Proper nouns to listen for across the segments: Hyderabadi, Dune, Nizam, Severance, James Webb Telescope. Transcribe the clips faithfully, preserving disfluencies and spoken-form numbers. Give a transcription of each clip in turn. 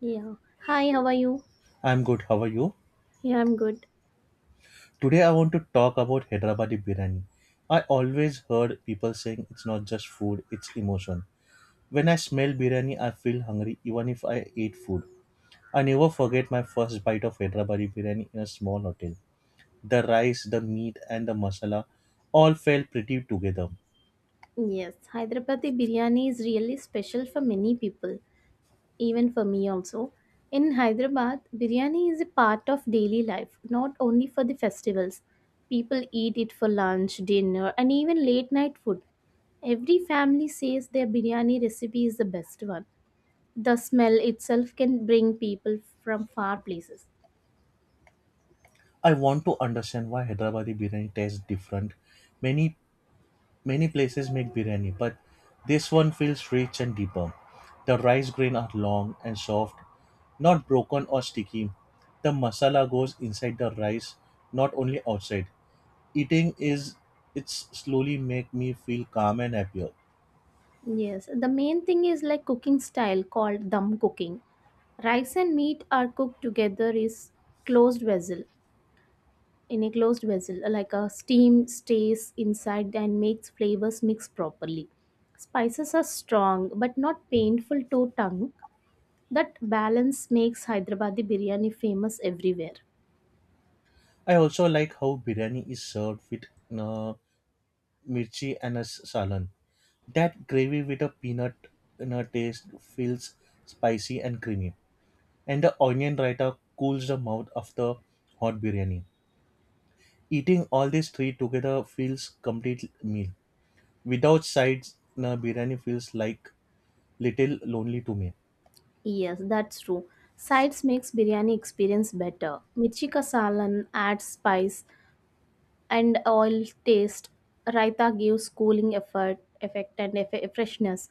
Yeah. Hi, how are you? I'm good. How are you? Yeah, I'm good. Today I want to talk about Hyderabadi biryani. I always heard people saying it's not just food, it's emotion. When I smell biryani, I feel hungry even if I eat food. I never forget my first bite of Hyderabadi biryani in a small hotel. The rice, the meat and the masala all felt pretty together. Yes, Hyderabadi biryani is really special for many people, even for me also. In Hyderabad, biryani is a part of daily life, not only for the festivals. People eat it for lunch, dinner, and even late night food. Every family says their biryani recipe is the best one. The smell itself can bring people from far places. I want to understand why Hyderabadi biryani tastes different. Many Many places make biryani, but this one feels rich and deeper. The rice grains are long and soft, not broken or sticky. The masala goes inside the rice, not only outside. Eating is It's slowly make me feel calm and happier. Yes, the main thing is like cooking style called dum cooking. Rice and meat are cooked together is closed vessel in a closed vessel, like a steam stays inside and makes flavors mix properly. Spices are strong but not painful to tongue. That balance makes Hyderabadi biryani famous everywhere. I also like how biryani is served with uh, mirchi and a s- salan. That gravy with a peanut in a taste feels spicy and creamy. And the onion raita cools the mouth after hot biryani. Eating all these three together feels complete meal. Without sides, na biryani feels like little lonely to me. Yes, that's true. Sides makes biryani experience better. Mirchi kasalan adds spice and oil taste. Raita gives cooling effort, effect and eff- freshness.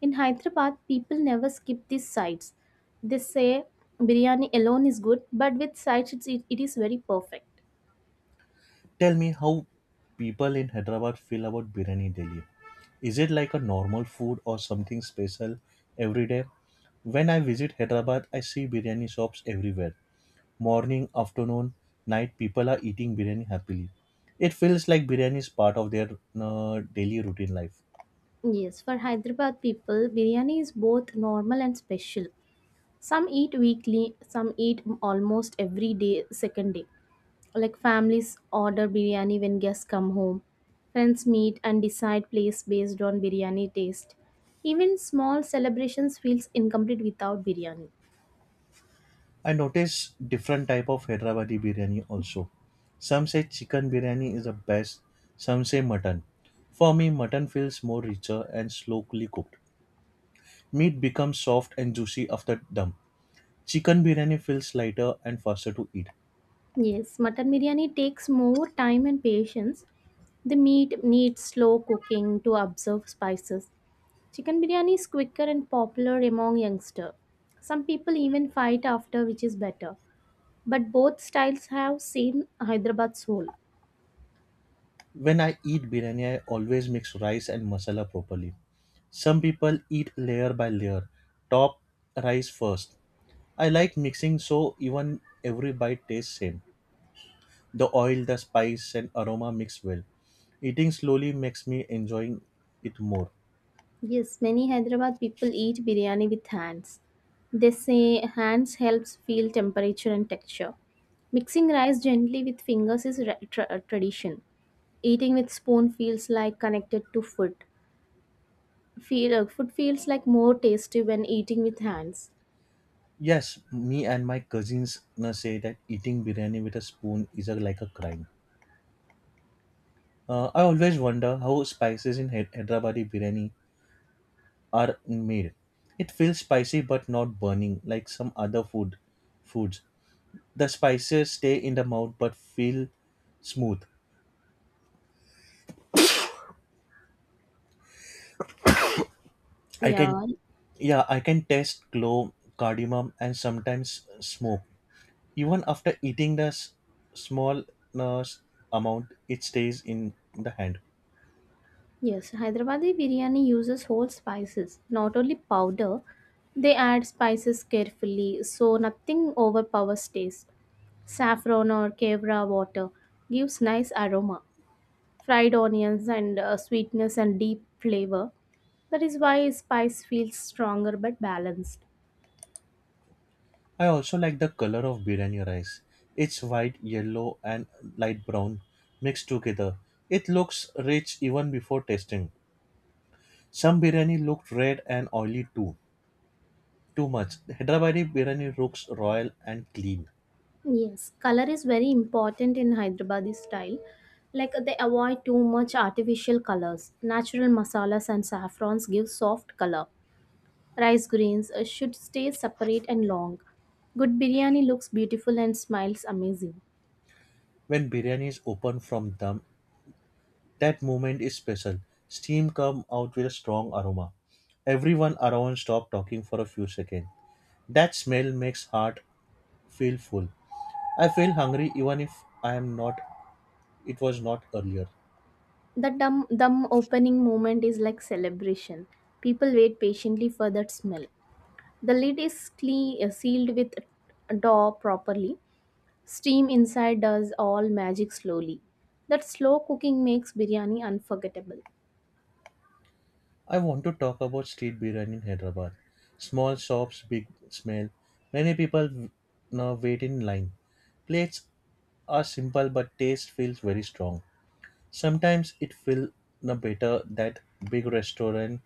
In Hyderabad, people never skip these sides. They say biryani alone is good, but with sides it's, it, it is very perfect. Tell me how people in Hyderabad feel about biryani daily. Is it like a normal food or something special every day? When I visit Hyderabad, I see biryani shops everywhere. Morning, afternoon, night, people are eating biryani happily. It feels like biryani is part of their uh, daily routine life. Yes, for Hyderabad people, biryani is both normal and special. Some eat weekly, some eat almost every day, second day. Like, families order biryani when guests come home, friends meet and decide place based on biryani taste, even small celebrations feels incomplete without biryani. I notice different type of Hyderabadi biryani also. Some say chicken biryani is the best, some say mutton. For me, mutton feels more richer and slowly cooked. Meat becomes soft and juicy after dum. Chicken biryani feels lighter and faster to eat. Yes, mutton biryani takes more time and patience. The meat needs slow cooking to absorb spices. Chicken biryani is quicker and popular among youngsters. Some people even fight after which is better, but both styles have seen Hyderabad soul. When I eat biryani, I always mix rice and masala properly. Some people eat layer by layer, top rice first. I like mixing so even every bite tastes same. The oil, the spice, and aroma mix well. Eating slowly makes me enjoying it more. Yes, many Hyderabad people eat biryani with hands. They say hands helps feel temperature and texture. Mixing rice gently with fingers is ra- tra- uh, tradition. Eating with spoon feels like connected to food. Feel uh, Food feels like more tasty when eating with hands. Yes, me and my cousins na say that eating biryani with a spoon is a, like a crime. Uh, I always wonder how spices in Hy- Hyderabadi biryani are made. It feels spicy but not burning like some other food foods. The spices stay in the mouth but feel smooth. I can Yeah, Yeah, I can taste clove, cardamom, and sometimes smoke. Even after eating the s- small uh, s- amount, it stays in the hand. yes, Hyderabadi biryani uses whole spices, not only powder. They add spices carefully so nothing overpowers taste. Saffron or kevra water gives nice aroma. Fried onions and uh, sweetness and deep flavor, that is why spice feels stronger but balanced. I also like the color of biryani rice. It's white, yellow and light brown mixed together. It looks rich even before tasting. Some biryani looked red and oily too. Too much Hyderabadi biryani looks royal and clean. Yes, color is very important in Hyderabadi style. Like, they avoid too much artificial colors. Natural masalas and saffrons give soft color. Rice greens uh, should stay separate and long. Good biryani looks beautiful and smiles amazing. When biryani is opened from dum, that moment is special. Steam come out with a strong aroma. Everyone around stopped talking for a few seconds. That smell makes heart feel full. I feel hungry even if I am not it was not earlier. The dum dum opening moment is like celebration. People wait patiently for that smell. The lid is cle- uh, sealed with a dough properly. Steam inside does all magic slowly. That slow cooking makes biryani unforgettable. I want to talk about street biryani in Hyderabad. Small shops, big smell. Many people now wait in line. Plates are simple but taste feels very strong. Sometimes it feels better that big restaurant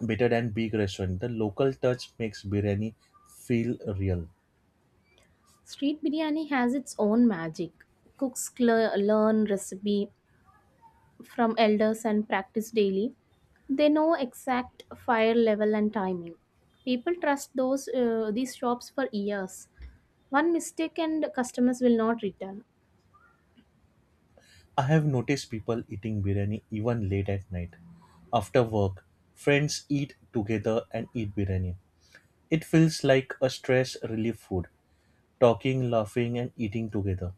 better than big restaurant. The local touch makes biryani feel real. Street biryani has its own magic. Cooks cl- learn recipe from elders and practice daily. They know exact fire level and timing. People trust those uh, these shops for years. One mistake and customers will not return. I have noticed people eating biryani even late at night. After work, friends eat together and eat biryani. It feels like a stress relief food. Talking, laughing, and eating together.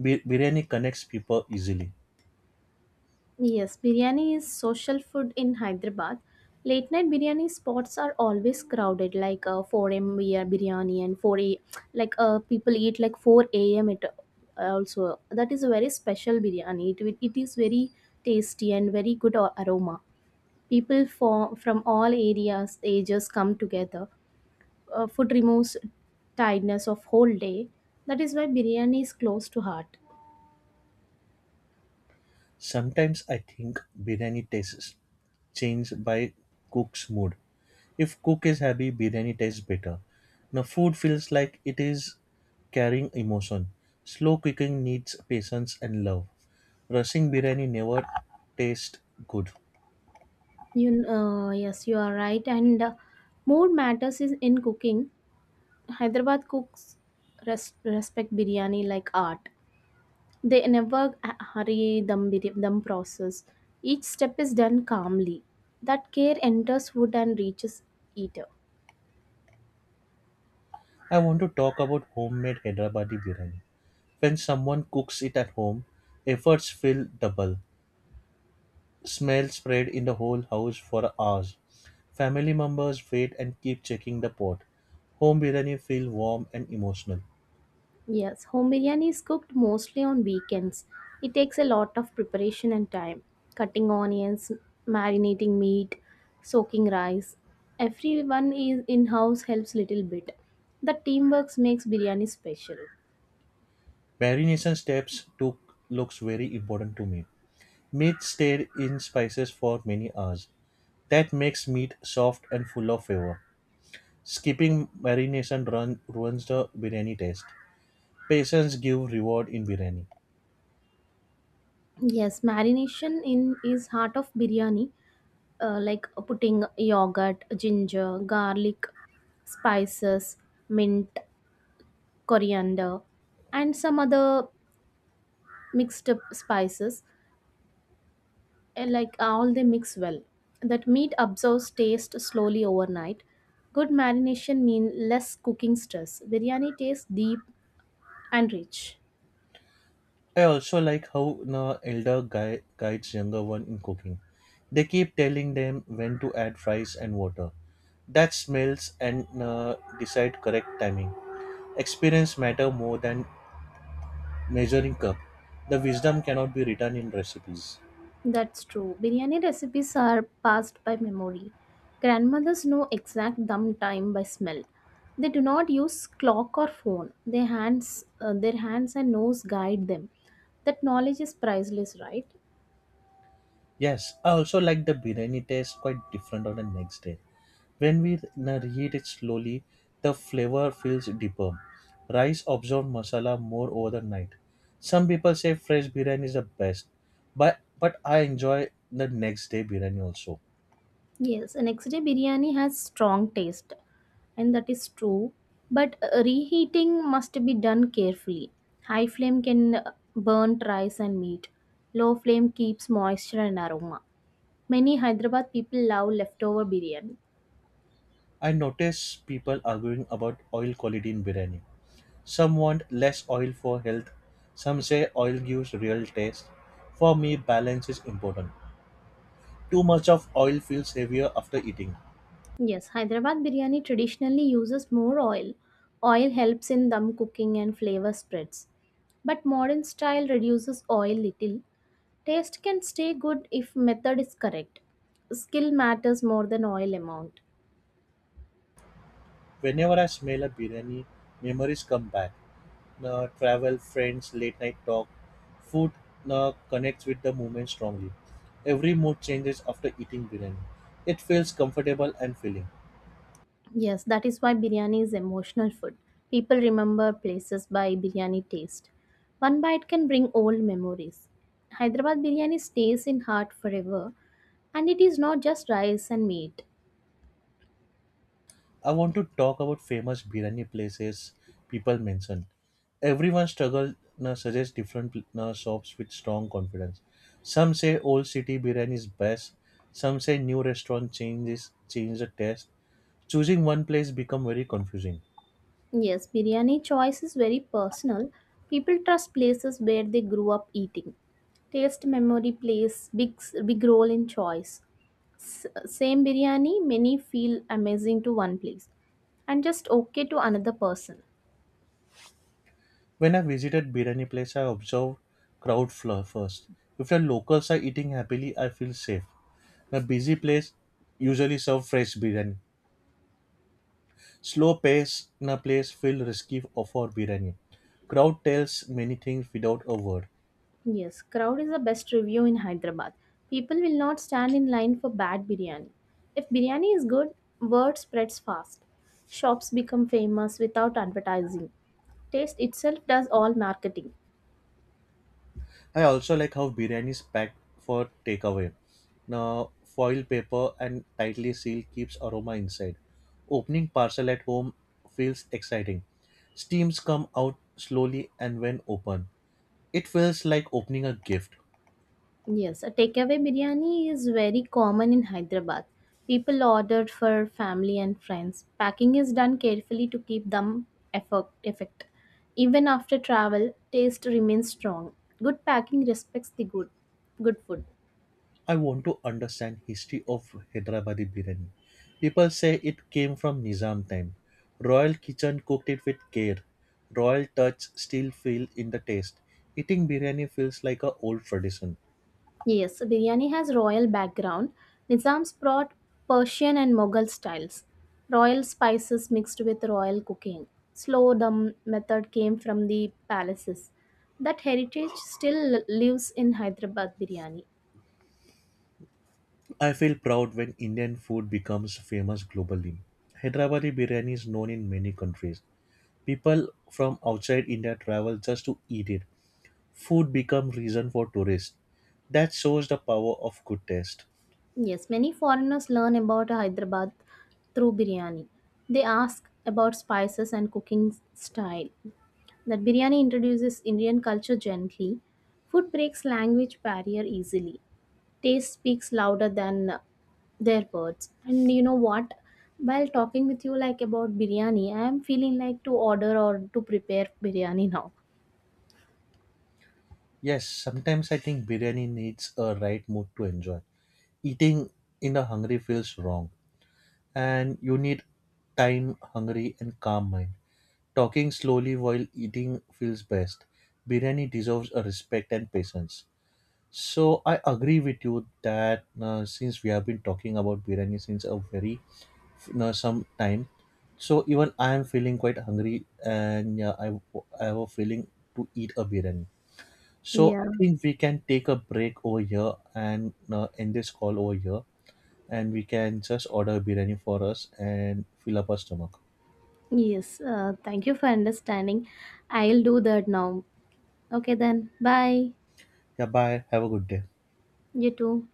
Bir- biryani connects people easily. Yes, biryani is social food in Hyderabad. Late night biryani spots are always crowded, like, uh, four a m we are biryani and four a like, uh, people eat like four a m. It uh, Also, that is a very special biryani. It, will- it is very tasty and very good a- aroma. People for, from all areas ages come together. Uh, food removes tiredness of whole day. That is why biryani is close to heart. Sometimes I think biryani tastes change by cook's mood. If cook is happy, biryani tastes better. Now, food feels like it is carrying emotion. Slow cooking needs patience and love. Rushing biryani never tastes good. You uh, Yes, you are right. And, uh, more matters is in cooking. Hyderabad cooks res- respect biryani like art. They never h- hurry dum bir- dum process. Each step is done calmly. That care enters food and reaches eater. I want to talk about homemade Hyderabadi biryani. When someone cooks it at home, efforts feel double. Smell spread in the whole house for hours. Family members wait and keep checking the pot. Home biryani feel warm and emotional. Yes, home biryani is cooked mostly on weekends. It takes a lot of preparation and time. Cutting onions, marinating meat, soaking rice. Everyone is in house helps little bit. The teamwork makes biryani special. Marination steps took looks very important to me. Meat stayed in spices for many hours. That makes meat soft and full of flavor. Skipping marination run, ruins the biryani taste. Patience give reward in biryani. Yes, marination in is heart of biryani. Uh, like, uh, putting yogurt, ginger, garlic, spices, mint, coriander, and some other mixed up spices and, like, uh, all they mix well. That meat absorbs taste slowly overnight. Good marination means less cooking stress. Biryani tastes deep and rich. I also like how the elder guy guides younger one in cooking. They keep telling them when to add fries and water. That smells and uh, decide correct timing. Experience matter more than measuring cup. The wisdom cannot be written in recipes. That's true. Biryani recipes are passed by memory. Grandmothers know exact dum time by smell. They do not use clock or phone. Their hands, uh, their hands and nose guide them. That knowledge is priceless, right? Yes, I also like the biryani taste quite different on the next day. When we reheat it slowly, the flavor feels deeper. Rice absorbs masala more over the night. Some people say fresh biryani is the best, but but I enjoy the next day biryani also. Yes, and next day biryani has strong taste, and that is true. But, uh, reheating must be done carefully. High flame can uh, burn rice and meat. Low flame keeps moisture and aroma. Many Hyderabad people love leftover biryani. I notice people arguing about oil quality in biryani. Some want less oil for health. Some say oil gives real taste. For me, balance is important. Too much of oil feels heavier after eating. Yes, Hyderabad biryani traditionally uses more oil. Oil helps in dum cooking and flavor spreads. But modern style reduces oil little. Taste can stay good if method is correct. Skill matters more than oil amount. Whenever I smell a biryani, memories come back. Uh, travel, friends, late night talk. Food uh, connects with the moment strongly. Every mood changes after eating biryani. It feels comfortable and filling. Yes, that is why biryani is emotional food. People remember places by biryani taste. One bite can bring old memories. Hyderabad biryani stays in heart forever and it is not just rice and meat. I want to talk about famous biryani places people mention. Everyone struggle uh, suggests different uh, shops with strong confidence. Some say old city biryani is best. Some say new restaurant changes change the taste. Choosing one place become very confusing. Yes, biryani choice is very personal. People trust places where they grew up eating. Taste memory plays big big role in choice. Same biryani many feel amazing to one place and just okay to another person. When I visited biryani place, I observed crowd flow first. If the locals are eating happily, I feel safe. A busy place usually serve fresh biryani. Slow pace na place feel risky of- for biryani. Crowd tells many things without a word. Yes, crowd is the best review in Hyderabad. People will not stand in line for bad biryani. If biryani is good, word spreads fast. Shops become famous without advertising. Taste itself does all marketing. I also like how biryani is packed for takeaway. Now, foil paper and tightly sealed keeps aroma inside. Opening parcel at home feels exciting. Steams come out slowly and when open, it feels like opening a gift. Yes, a takeaway biryani is very common in Hyderabad. People order for family and friends. Packing is done carefully to keep them effort, effect. Even after travel, taste remains strong. Good packing respects the good, good food. I want to understand history of Hyderabadi biryani. People say it came from Nizam time. Royal kitchen cooked it with care. Royal touch still feel in the taste. Eating biryani feels like a old tradition. Yes, biryani has royal background. Nizams brought Persian and Mughal styles. Royal spices mixed with royal cooking. Slow dum method came from the palaces. That heritage still lives in Hyderabad biryani. I feel proud when Indian food becomes famous globally. Hyderabadi biryani is known in many countries. People from outside India travel just to eat it. Food become reason for tourists. That shows the power of good taste. Yes, many foreigners learn about Hyderabad through biryani. They ask about spices and cooking style. That biryani introduces Indian culture gently. Food breaks language barrier easily. Taste speaks louder than uh, their words. And you know what? While talking with you like about biryani, I am feeling like to order or to prepare biryani now. Yes, sometimes I think biryani needs a right mood to enjoy. Eating in a hungry feels wrong, and you need time, hungry, and calm mind. Talking slowly while eating feels best. Biryani deserves a respect and patience. So I agree with you that uh, since we have been talking about biryani since a very uh, some time, so even I am feeling quite hungry, and yeah, I I have a feeling to eat a biryani. So Yeah. I think we can take a break over here and uh, end this call over here, and we can just order biryani for us and fill up our stomach. Yes, uh, thank you for understanding. I'll do that now. Okay, then. Bye. Yeah, bye. Have a good day. You too.